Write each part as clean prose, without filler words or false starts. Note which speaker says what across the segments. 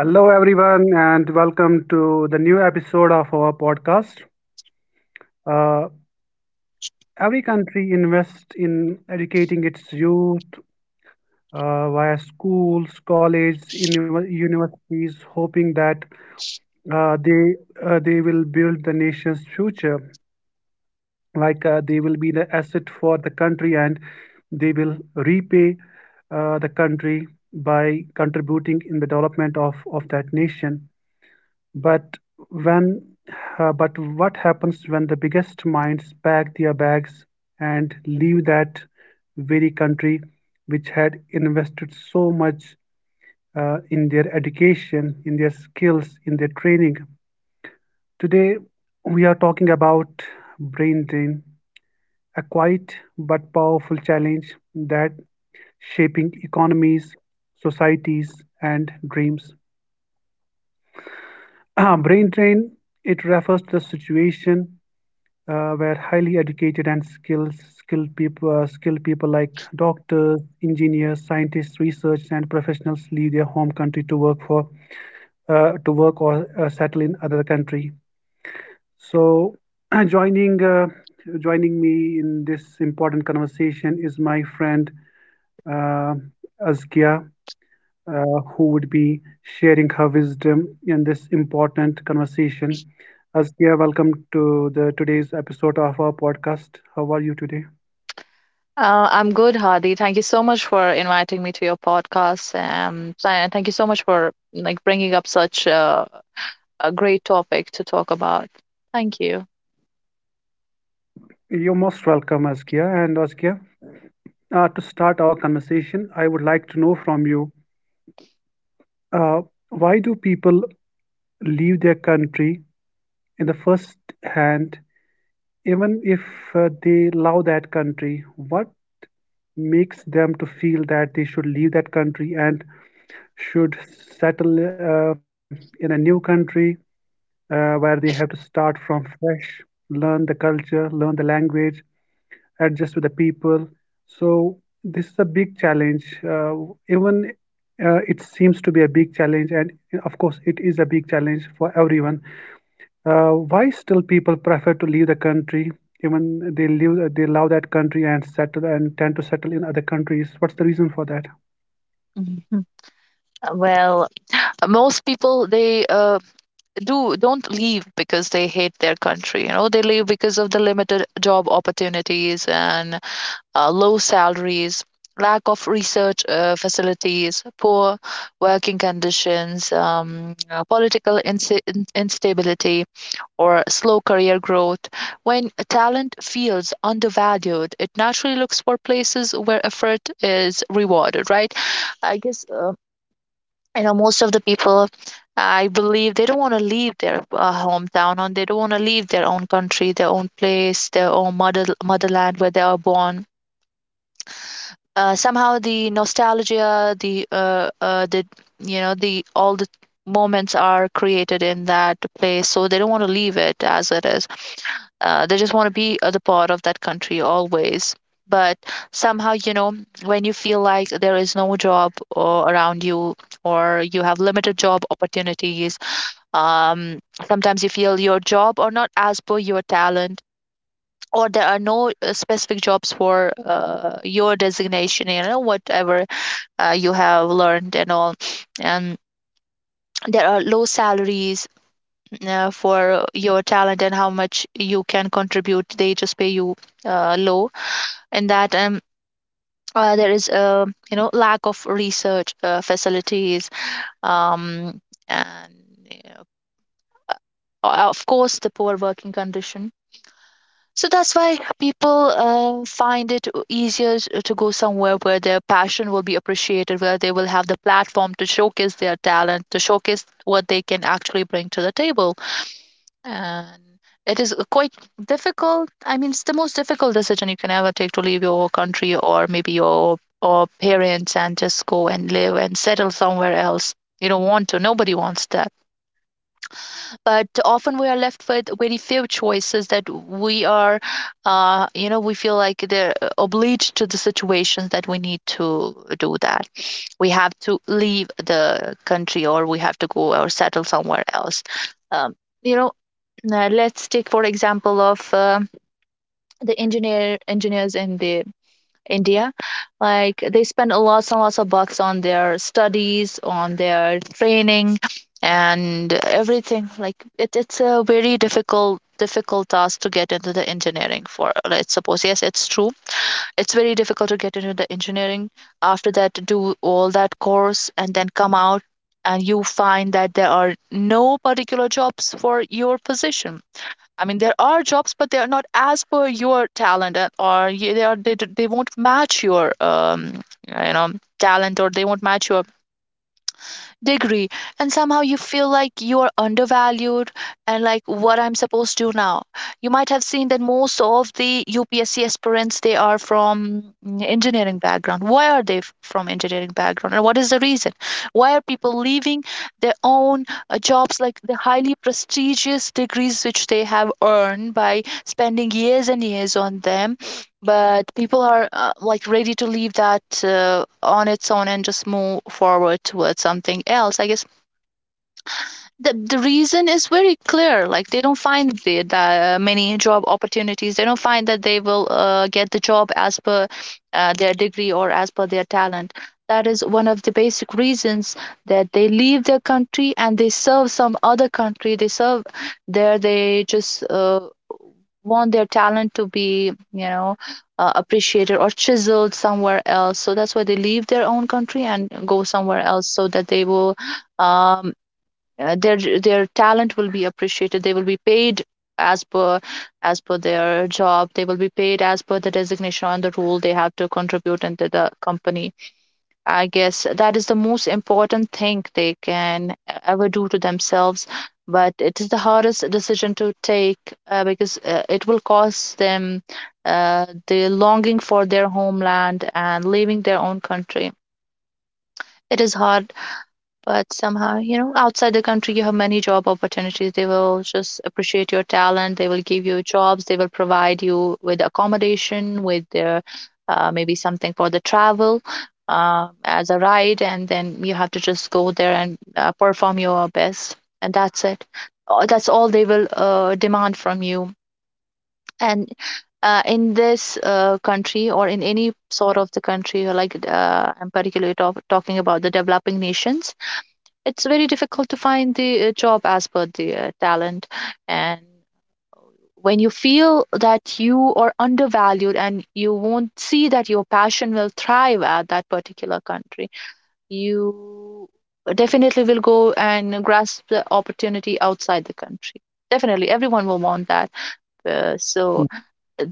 Speaker 1: Hello, everyone, and welcome to the new episode of our podcast. Uh, every country invests in educating its youth via schools, colleges, universities, hoping that uh, they they will build the nation's future. Like, they will be the asset for the country, and they will repay the country by contributing in the development of that nation. But when but what happens when the biggest minds pack their bags and leave that very country which had invested so much in their education, in their skills, in their training? Today, we are talking about brain drain, a quiet but powerful challenge that shaping economies, societies, and dreams. Brain drain, it refers to the situation where highly educated and skilled people like doctors, engineers, scientists, researchers, and professionals leave their home country to work or settle in other country. So, joining uh, joining me in this important conversation is my friend uh, Azkia, who would be sharing her wisdom in this important conversation. Askia, welcome to the today's episode of our podcast. How are you today?
Speaker 2: I'm good, Hadi. Thank you so much for inviting me to your podcast, and thank you so much for like bringing up such a great topic to talk about. Thank you.
Speaker 1: You're most welcome, Askia. And Askia, to start our conversation, I would like to know from you, uh, why do people leave their country in the first hand, even if they love that country? What makes them to feel that they should leave that country and should settle in a new country where they have to start from fresh, learn the culture, learn the language, adjust with the people. So this is a big challenge. Even, it seems to be a big challenge, and of course, it is a big challenge for everyone. Why still people prefer to leave the country? Even they leave, they love that country and settle and tend to settle in other countries. What's the reason for that?
Speaker 2: Mhm. Well, most people they do don't leave because they hate their country. You know, they leave because of the limited job opportunities and low salaries, lack of research facilities, poor working conditions, political insi in instability or slow career growth. When talent feels undervalued, it naturally looks for places where effort is rewarded, right? I guess, you know, most of the people, I believe, they don't want to leave their hometown, and they don't want to leave their own country, their own place, their own motherland, where they are born. Somehow the nostalgia, the you know the all the moments are created in that place, so they don't want to leave it as it is. They just want to be the part of that country always, but somehow, you know, when you feel like there is no job or around you, or you have limited job opportunities, um, sometimes you feel your job or not as per your talent, or there are no specific jobs for your designation, you know, whatever you have learned and all, and there are low salaries for your talent, and how much you can contribute they just pay you low. In that there is a, lack of research facilities, um and, you know, of course, the poor working condition. So that's why people find it easier to go somewhere where their passion will be appreciated, where they will have the platform to showcase their talent, to showcase what they can actually bring to the table. And it is quite difficult. I mean, it's the most difficult decision you can ever take, to leave your country or maybe your or parents and just go and live and settle somewhere else. You don't want to. Nobody wants that, but often we are left with very few choices, that we are, we feel like they're obliged to the situations, that we need to do that, we have to leave the country or we have to go or settle somewhere else. um, you know let's take for example of the engineer engineers in the India. Like, they spend a lots and lots of bucks on their studies, on their training, and everything. Like, it's a very difficult task to get into the engineering. For let's suppose, yes, it's true, it's very difficult to get into the engineering, after that do all that course and then come out and you find that there are no particular jobs for your position. I mean, there are jobs, but they are not as per your talent, and or y- they are they, d- they won't match your you know talent, or they won't match your degree, and somehow you feel like you are undervalued. And like, what I'm supposed to do now? You might have seen that most of the UPSC aspirants, they are from engineering background. Why are they from engineering background, and what is the reason why are people leaving their own jobs, like the highly prestigious degrees which they have earned by spending years and years on them, but people are like ready to leave that on its own and just move forward towards something else? I guess the reason is very clear, like they don't find the many job opportunities, they don't find that they will get the job as per their degree or as per their talent. That is one of the basic reasons that they leave their country and they serve some other country. They serve there. They just want their talent to be, appreciated or chiseled somewhere else. So that's why they leave their own country and go somewhere else, so that they will, um, their talent will be appreciated, they will be paid as per, as per their job, they will be paid as per the designation and the rule they have to contribute into the company. I guess that is the most important thing they can ever do to themselves. But it is the hardest decision to take, because it will cost them the longing for their homeland and leaving their own country. It is hard, but somehow, you know, outside the country, you have many job opportunities. They will just appreciate your talent. They will give you jobs. They will provide you with accommodation, with their, maybe something for the travel, as a ride. And then you have to just go there and perform your best. And that's it. That's all they will demand from you. And in this country, or in any sort of the country, like, I'm particularly talking about the developing nations. It's very difficult to find the job as per the talent. And when you feel that you are undervalued, and you won't see that your passion will thrive at that particular country, you definitely will go and grasp the opportunity outside the country. Definitely everyone will want that. So
Speaker 1: Hmm.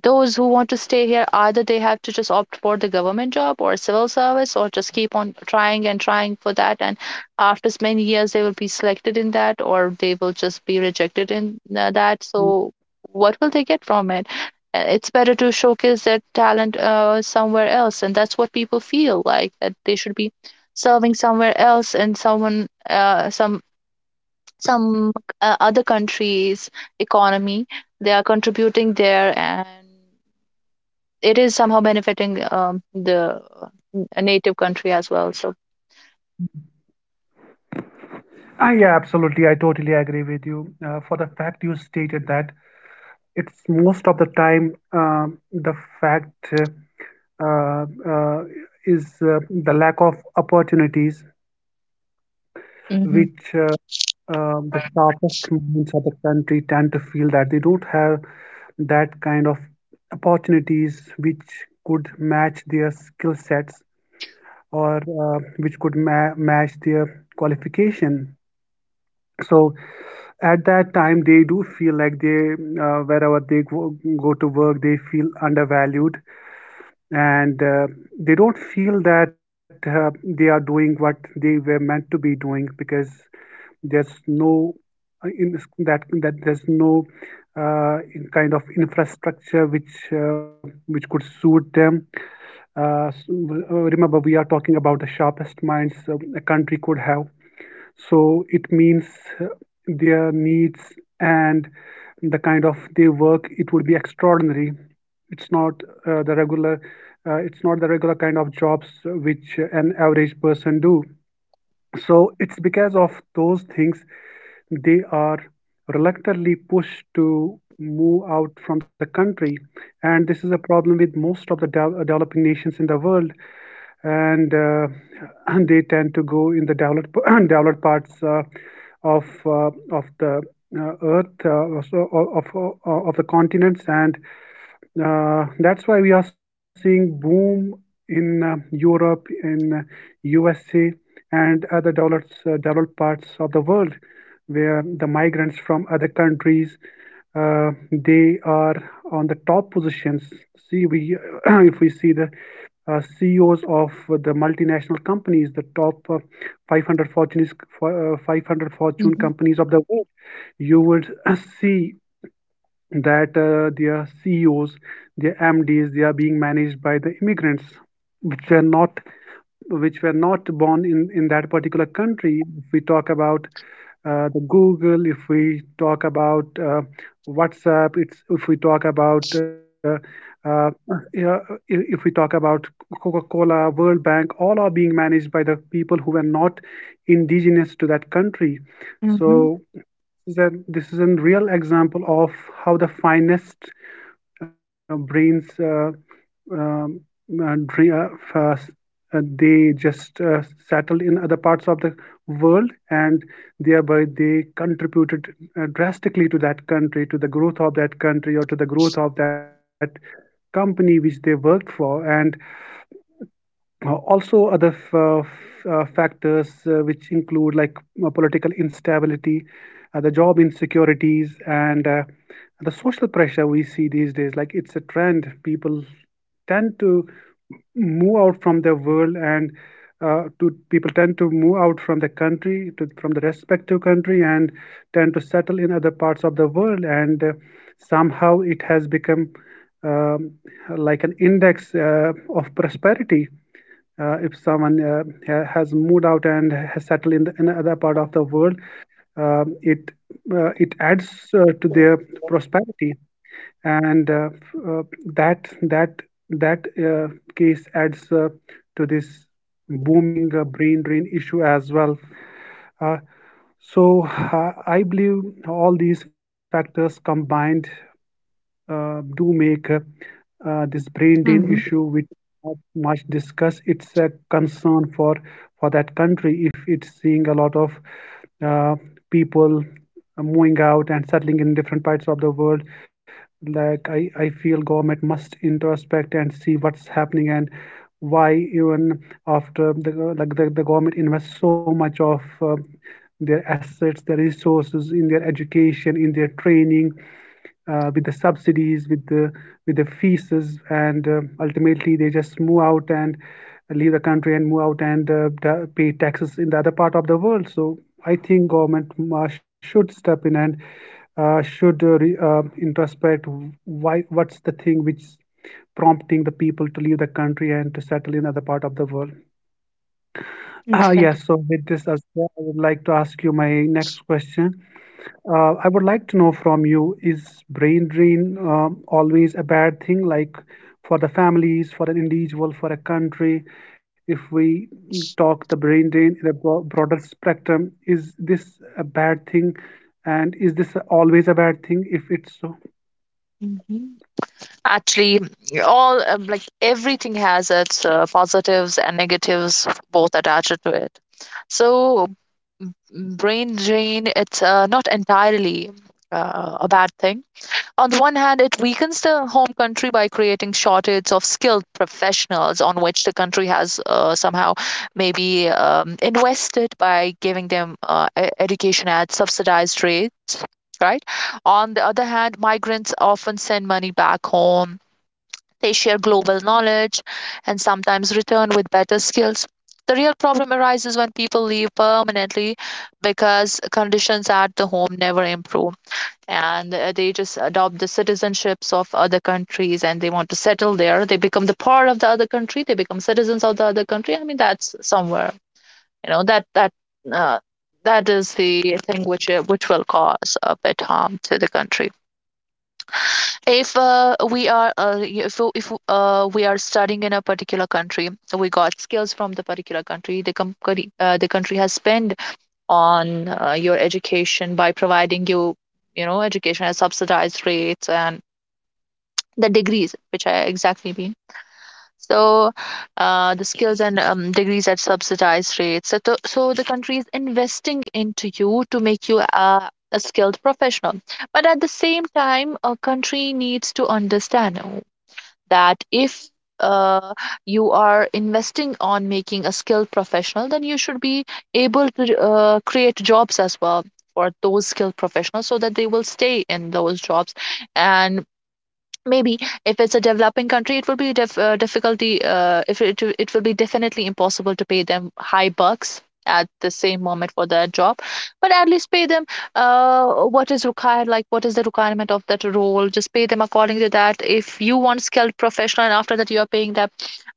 Speaker 2: those who want to stay here, either they have to just opt for the government job or civil service, or just keep on trying and trying for that, and after many years they will be selected in that, or they will just be rejected in that. So what will they get from it? It's better to showcase their talent somewhere else, and that's what people feel like, that they should be serving somewhere else, and some other countries' economy they are contributing there, and it is somehow benefiting the native country as well. So.
Speaker 1: Ah, yeah, absolutely. I totally agree with you. For the fact you stated that it's most of the time the fact uh, uh, is the lack of opportunities,
Speaker 2: Hmm,
Speaker 1: which the sharpest minds of the country tend to feel that they don't have that kind of opportunities which could match their skill sets or which could match their qualification. So at that time they do feel like they wherever they go, go to work they feel undervalued and they don't feel that they are doing what they were meant to be doing because there's no in that that there's no in kind of infrastructure which could suit them. Remember, we are talking about the sharpest minds a country could have, so it means uh, their needs and the kind of they work it would be extraordinary. it's not uh, the regular it's not the regular kind of jobs which an average person do. So it's because of those things they are reluctantly pushed to move out from the country, and this is a problem with most of the developing nations in the world. And they tend to go in the developed developed parts of uh, of the earth, so of the continents, and that's why we are seeing boom in Europe, in USA, and other developed parts of the world, where the migrants from other countries, they are on the top positions. See, we if we see the CEOs of the multinational companies, the top uh, 500 Fortune is- uh, 500 Fortune
Speaker 2: hmm.
Speaker 1: companies of the world, you would see that their CEOs, their MDs, they are being managed by the immigrants, which were not which were not born in that particular country. If we talk about the Google, if we talk about WhatsApp, it's if we talk about uh, yeah, if we talk about Coca-Cola, World Bank, all are being managed by the people who were not indigenous to that country.
Speaker 2: Mm-hmm.
Speaker 1: So this is a real example of how the finest brains um, uh, uh, they just settled in other parts of the world, and thereby they contributed drastically to that country, to the growth of that country, or to the growth of that company which they worked for. And also other factors which include like political instability, the job insecurities, and the social pressure we see these days, like it's a trend. People tend to move out from their world and to people tend to move out from the country to from the respective country and tend to settle in other parts of the world. And somehow it has become um, like an index of prosperity. If someone has moved out and has settled in, in another part of the world, um, it it adds to their prosperity, and that that that case adds to this booming brain drain issue as well. Uh, so, I believe all these factors combined do make this brain drain
Speaker 2: Mm-hmm.
Speaker 1: issue, which not much discussed. It's a concern for that country if it's seeing a lot of uh, people moving out and settling in different parts of the world. Like I feel government must introspect and see what's happening and why even after the the government invests so much of their assets, their resources in their education, in their training, with the subsidies, with the fees, and ultimately they just move out and leave the country and move out and pay taxes in the other part of the world. So I think government should step in and should introspect why what's the thing which prompting the people to leave the country and to settle in other part of the world. Ah,
Speaker 2: Exactly.
Speaker 1: yes. So with this, as well, I would like to ask you my next question. I would like to know from you, is brain drain always a bad thing, like for the families, for an individual, for a country? If we talk the brain drain in a broader spectrum, is this a bad thing? And is this always a bad thing if it's so?
Speaker 2: Mm-hmm. Actually, all, like everything has its positives and negatives, both attached to it. So, brain drain, it's not entirely a bad thing. On the one hand, it weakens the home country by creating shortage of skilled professionals, on which the country has somehow maybe invested by giving them education at subsidized rates, right? On the other hand, migrants often send money back home. They share global knowledge and sometimes return with better skills. The real problem arises when people leave permanently because conditions at the home never improve, and they just adopt the citizenships of other countries, and they want to settle there. They become the part of the other country, they become citizens of the other country. I mean, that's somewhere, you know, uh, that is the thing which will cause a bit harm to the country. If uh, we are uh, if, if uh, we are studying in a particular country, we got skills from the particular country, the country has spent on your education by providing you, you know education at subsidized rates, and the degrees which I exactly mean. So, the skills and, degrees at subsidized rates. So the country is investing into you to make you a skilled professional. But at the same time, a country needs to understand that if, uh, you are investing on making a skilled professional, then you should be able to create jobs as well for those skilled professionals, so that they will stay in those jobs. And maybe, if it's a developing country, it will be difficulty, if it will be definitely impossible to pay them high bucks at the same moment for their job, but at least pay them what is required, like what is the requirement of that role. Just pay them according to that. If you want skilled professional and after that you are paying them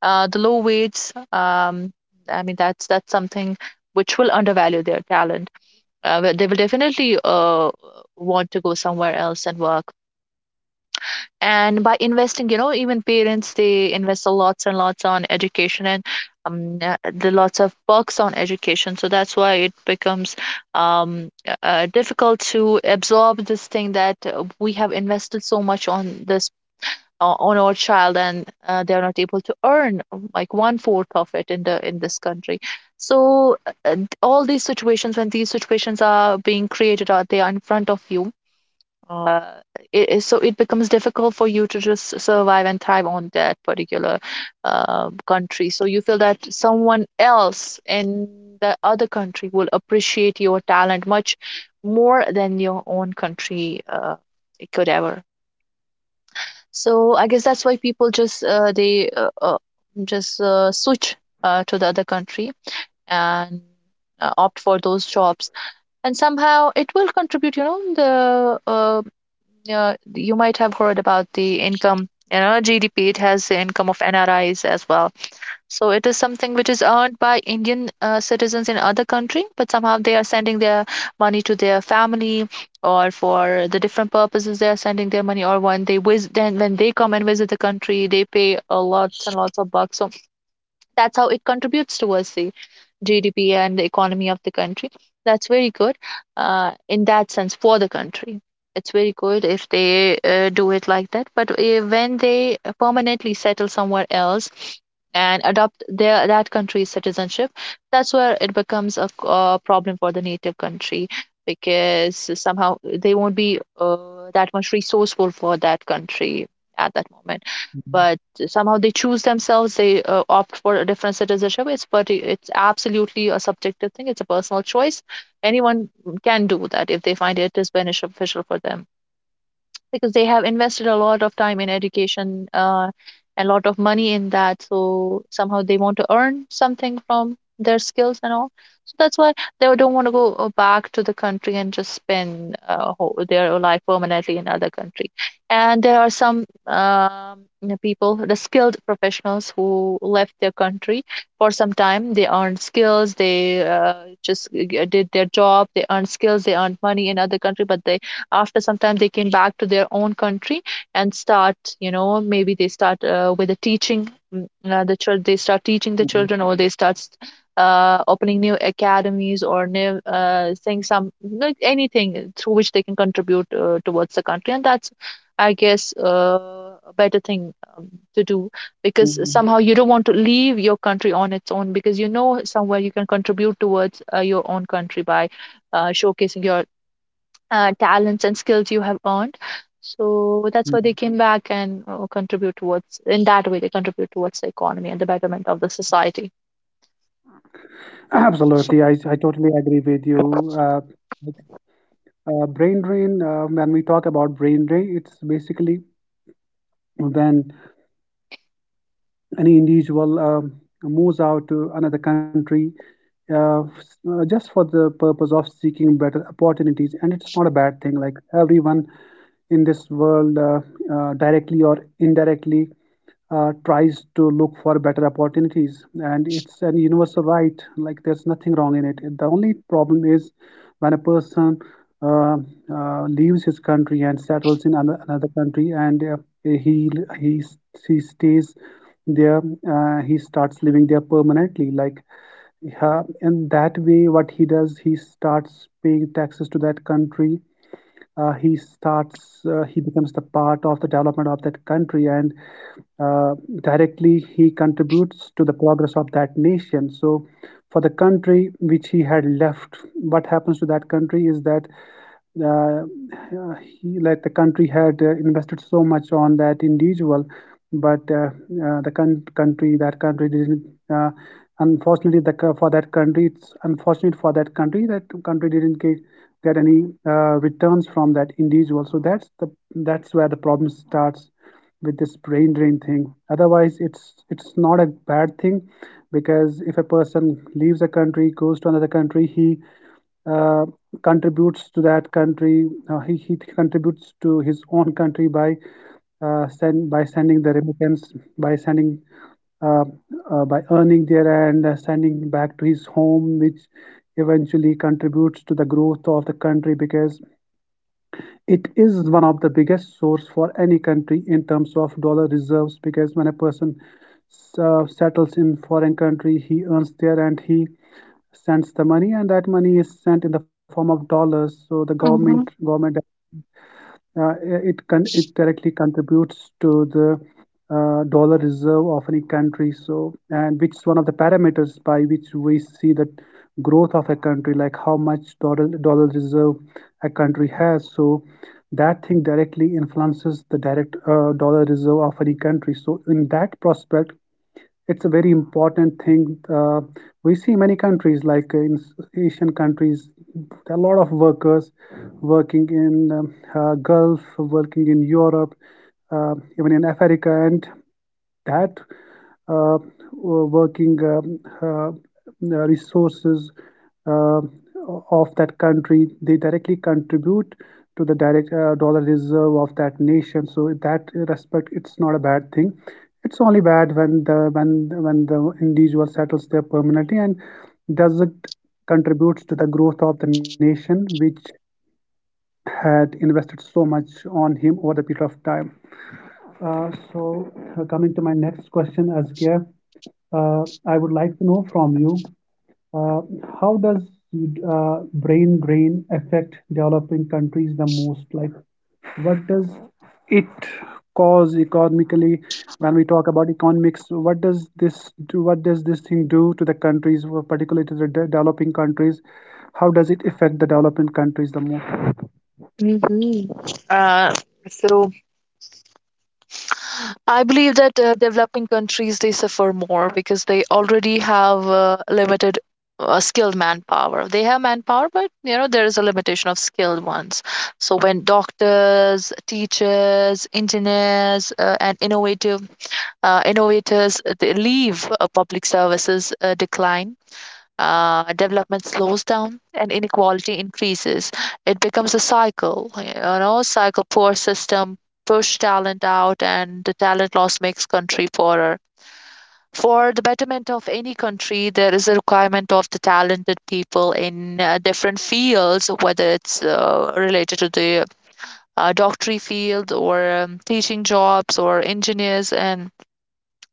Speaker 2: the low wage, I mean, that's something which will undervalue their talent. But they will definitely want to go somewhere else and work. And by investing, even parents, they invest a lots and lots on education, and, the lots of perks on education. So that's why it becomes difficult to absorb this thing, that we have invested so much on this, on our child, and they are not able to earn, like, one fourth of it in the in this country. So, all these situations, when these situations are being created or they are in front of you, uh, so it becomes difficult for you to just survive and thrive on that particular country. So you feel that someone else in the other country will appreciate your talent much more than your own country it could ever. So I guess that's why people just they just switch to the other country and opt for those jobs, and somehow it will contribute, you know the you might have heard about the income, gdp. It has the income of nris as well, so it is something which is earned by indian citizens in other country, but somehow they are sending their money to their family or for the different purposes they are sending their money. Or when they visit, then when they come and visit the country, they pay a lots and lots of bucks, so that's how it contributes towards the GDP and the economy of the country. That's very good in that sense for the country. It's very good if they do it like that. But when they permanently settle somewhere else and adopt their that country's citizenship, that's where it becomes a, a problem for the native country, because somehow they won't be that much resourceful for that country at that moment. But somehow they choose themselves, they opt for a different citizenship. It's, but it's absolutely a subjective thing. It's a personal choice. Anyone can do that if they find it is beneficial for them, because they have invested a lot of time in education, a lot of money in that, so somehow they want to earn something from their skills and all. So that's why they don't want to go back to the country and just spend whole, their life permanently in other country. And there are some you know, people, the skilled professionals who left their country for some time. They earned skills, they just did their job, they earned skills, they earned money in other country, but they, after some time, they came back to their own country and start, you know, maybe they start with the teaching, the child, they start teaching the
Speaker 1: Mhm,
Speaker 2: children, or they start opening new academies or new things, some, like anything through which they can contribute towards the country. And that's, I guess, a better thing to do,
Speaker 1: mhm,
Speaker 2: because
Speaker 1: mhm,
Speaker 2: somehow you don't want to leave your country on its own, because you know somewhere you can contribute towards your own country by showcasing your talents and skills you have earned. So that's why they
Speaker 1: mhm.
Speaker 2: came back and contribute towards, in that way, they contribute towards the economy and the betterment of the society.
Speaker 1: Absolutely, I totally agree with you. Brain drain, when we talk about brain drain, it's basically when any individual moves out to another country uh, just for the purpose of seeking better opportunities. And it's not a bad thing, like everyone in this world directly or indirectly tries to look for better opportunities, and it's an universal right. Like there's nothing wrong in it. The only problem is when a person uh, leaves his country and settles in another country, and he he s- he stays there. He starts living there permanently. Like in that way what he does, he starts paying taxes to that country. He becomes the part of the development of that country, and uh, directly he contributes to the progress of that nation. So for the country which he had left, what happens to that country is that uh, uh, like the country had invested so much on that individual, but country, that country didn't. Uh, Unfortunately, for that country, it's unfortunate for that country didn't get any returns from that individual. So that's the that's where the problem starts with this brain drain thing. Otherwise, it's not a bad thing because if a person leaves a country, goes to another country, he uh, contributes to that country. He contributes to his own country by by sending the remittance, by sending uh, by earning there and sending back to his home, which eventually contributes to the growth of the country, because it is one of the biggest source for any country in terms of dollar reserves. Because when a person settles in foreign country, he earns there and he sends the money, and that money is sent in the form of dollars. So the government
Speaker 2: Mhm.
Speaker 1: government uh, it it directly contributes to the dollar reserve of any country. So, and which is one of the parameters by which we see the growth of a country, like how much dollar reserve a country has. So that thing directly influences the direct dollar reserve of any country. So in that prospect it's a very important thing. We see many countries like in Asian countries, there are a lot of workers working in Gulf, working in Europe, even in Africa, and that uh, working resources uh, of that country. They directly contribute to the direct dollar reserve of that nation. So in that respect, it's not a bad thing. It's only bad when the individual settles there permanently and doesn't contribute to the growth of the nation, which had invested so much on him over the period of time. So, coming to my next question, Azkia, I would like to know from you, uh, how does brain drain affect developing countries the most? Like, what does it cause economically when we talk about economics? What does this do? What does this thing do to the countries, particularly to the developing countries? How does it affect the developing countries the
Speaker 2: Mm-hmm. Uh, so I believe that developing countries, they suffer more because they already have limited skilled manpower. They have manpower, but you know there is a limitation of skilled ones. So when doctors, teachers, engineers, and innovative innovators they leave, public services decline, development slows down, and inequality increases. It becomes a cycle, you know, cycle. Poor system push talent out, and the talent loss makes country poorer. For the betterment of any country, there is a requirement of the talented people in different fields, whether it's related to the doctorate field, or teaching jobs, or engineers, and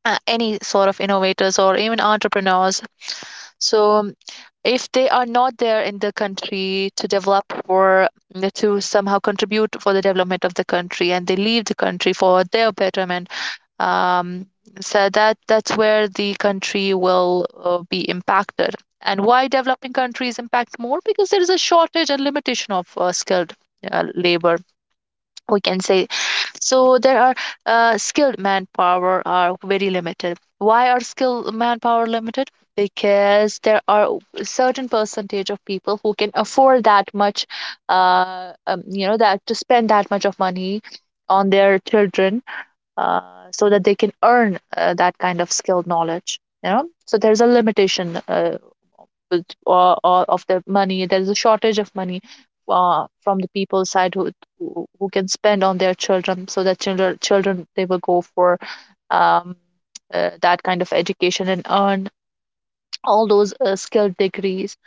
Speaker 2: any sort of innovators or even entrepreneurs. So if they are not there in the country to develop for, to somehow contribute for the development of the country, and they leave the country for their betterment, um, so that, that's where the country will be impacted. And why developing countries impact more? Because there is a shortage and limitation of skilled labor, we can say. So there are skilled manpower are very limited. Why are skilled manpower limited? Because there are a certain percentage of people who can afford that much, you know, that to spend that much of money on their children uh, so that they can earn that kind of skilled knowledge, you know. So there's a limitation or of the money. There's a shortage of money from the people's side who, who can spend on their children, so that children they will go for um, that kind of education and earn all those skilled degrees.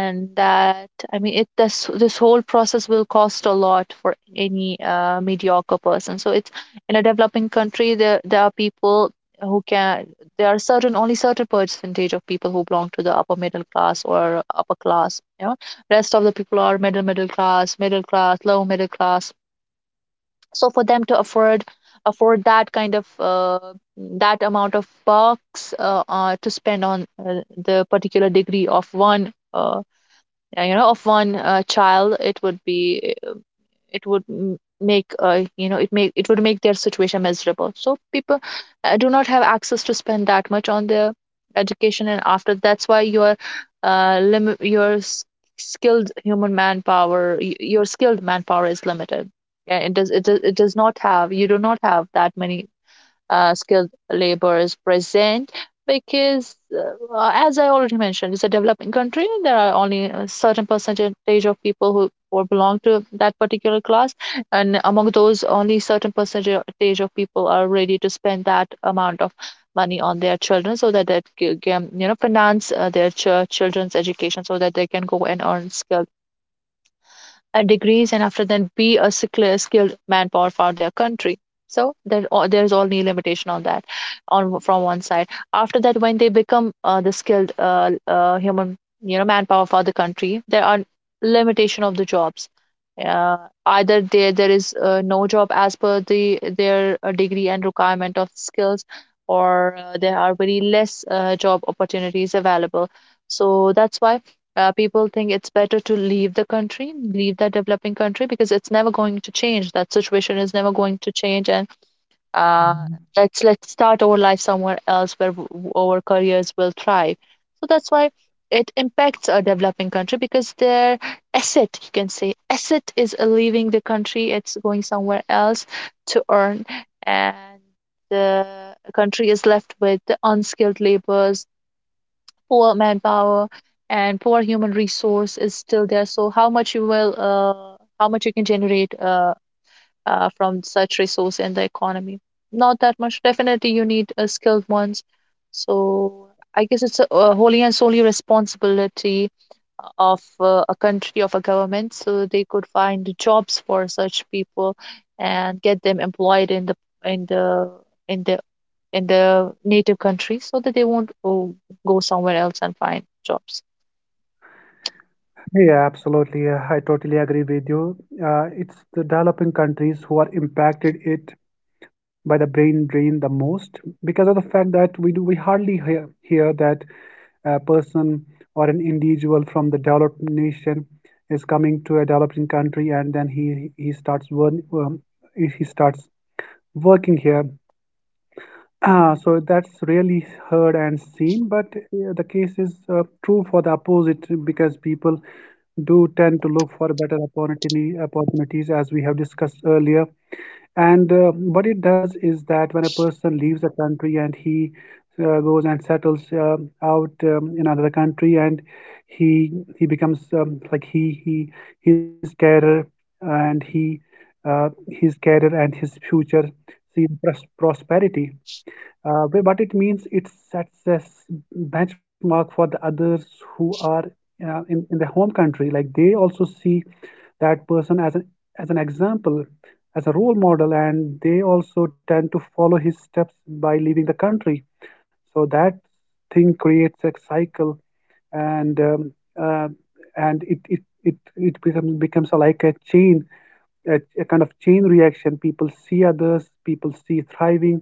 Speaker 2: And that, I mean, it this this whole process will cost a lot for any mediocre person. So it's, in a developing country, there are people who can, there are certain, only certain percentage of people who belong to the upper middle class or upper class, you know. Rest of the people are middle class, middle class, low middle class. So for them to afford that kind of that amount of bucks to spend on the particular degree of one you know, of one child, it would be, it would make, you know, it make, it would make their situation miserable. So people do not have access to spend that much on their education. And after, that's why your uh, lim- your s- skilled human manpower, your skilled manpower is limited. Yeah, it does it does not have, you do not have that many skilled labor is present, because, as I already mentioned, it's a developing country. There are only a certain percentage of people who belong to that particular class, and among those, only certain percentage of people are ready to spend that amount of money on their children so that they can, you know, finance children's education, so that they can go and earn skilled degrees, and after, then be a skilled manpower for their country. So there, there is only limitation on that, on from one side. After that, when they become the skilled human, you know, manpower for the country, there are limitation of the jobs. uh, Either there, there is no job as per the their degree and requirement of skills, or there are very less job opportunities available. So that's why people think it's better to leave the country, leave that developing country, because it's never going to change. That situation is never going to change, and uh,
Speaker 1: most?
Speaker 2: let's start our life somewhere else where our careers will thrive. So that's why it impacts a developing country, because their asset, you can say, asset is leaving the country. It's going somewhere else to earn, and the country is left with the unskilled laborers, poor manpower, and poor human resource is still there. So how much you will, how much you can generate from such resource in the economy? Not that much. Definitely, you need skilled ones. So I guess it's a wholly and solely responsibility of a country, of a government, so they could find jobs for such people and get them employed in the, in the, in the, in the native country, so that they won't, go somewhere else and find jobs.
Speaker 1: Yeah, absolutely. I totally agree with you. It's the developing countries who are impacted it by the brain drain the most because of the fact that we hardly hear that a person or an individual from the developed nation is coming to a developing country and then he starts one he starts working here. Ah, so that's rarely heard and seen, but the case is true for the opposite because people do tend to look for better opportunities, as we have discussed earlier. And what it does is that when a person leaves a country and he goes and settles out in another country, and he he becomes like he his career and he his career and his future see prosperity, but it means it sets a benchmark for the others who are in the home country. Like they also see that person as an example, as a role model, and they also tend to follow his steps by leaving the country. So that thing creates a cycle, and um, uh, and it becomes like a chain, a kind of chain reaction. People see others, people see thriving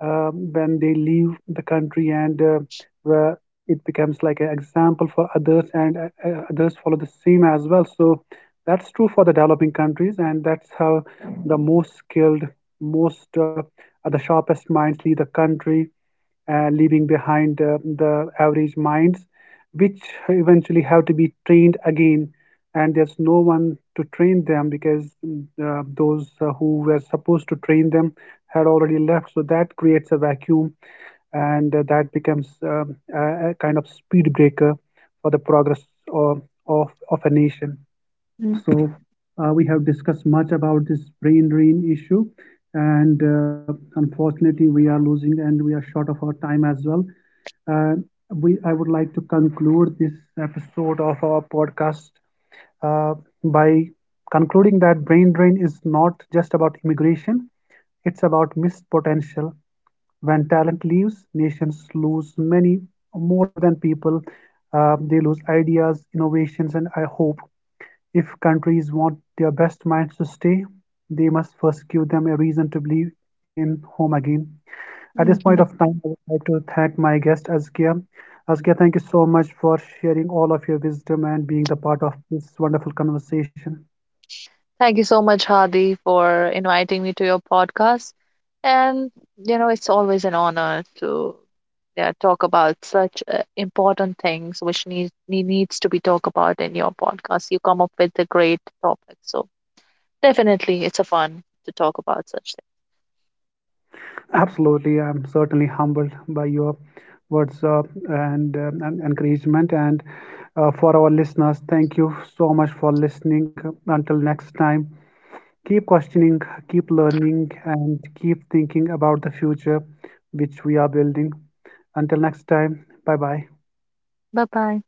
Speaker 1: when they leave the country, and where it becomes like an example for others, and others follow the same as well. So that's true for the developing countries, and that's how the most skilled, most are the sharpest minds leave the country, leaving behind the average minds, which eventually have to be trained again. And there's no one to train them because those who were supposed to train them had already left. So that creates a vacuum, and that becomes a kind of speed breaker for the progress of a nation.
Speaker 2: Mm,
Speaker 1: So we have discussed much about this brain drain issue, and unfortunately, we are losing and we are short of our time as well. Uh, we I would like to conclude this episode of our podcast uh, by concluding that brain drain is not just about immigration; it's about missed potential. When talent leaves, nations lose many more than people. They lose ideas, innovations, and I hope if countries want their best minds to stay, they must first give them a reason to believe in home again. At this point of
Speaker 2: mhm.
Speaker 1: time, I would like to thank my guest Azkia. Azkia, thank you so much for sharing all of your wisdom and being the part of this wonderful conversation.
Speaker 2: Thank you so much, Hadi, for inviting me to your podcast. And, you know, it's always an honor to, yeah, talk about such important things which need, needs to be talked about. In your podcast, you come up with a great topic, so definitely, it's a fun to talk about such things.
Speaker 1: Absolutely, I'm certainly humbled by your words and and encouragement. And for our listeners, thank you so much for listening. Until next time, keep questioning, keep learning, and keep thinking about the future which we are building. Until next time, bye bye.
Speaker 2: Bye bye.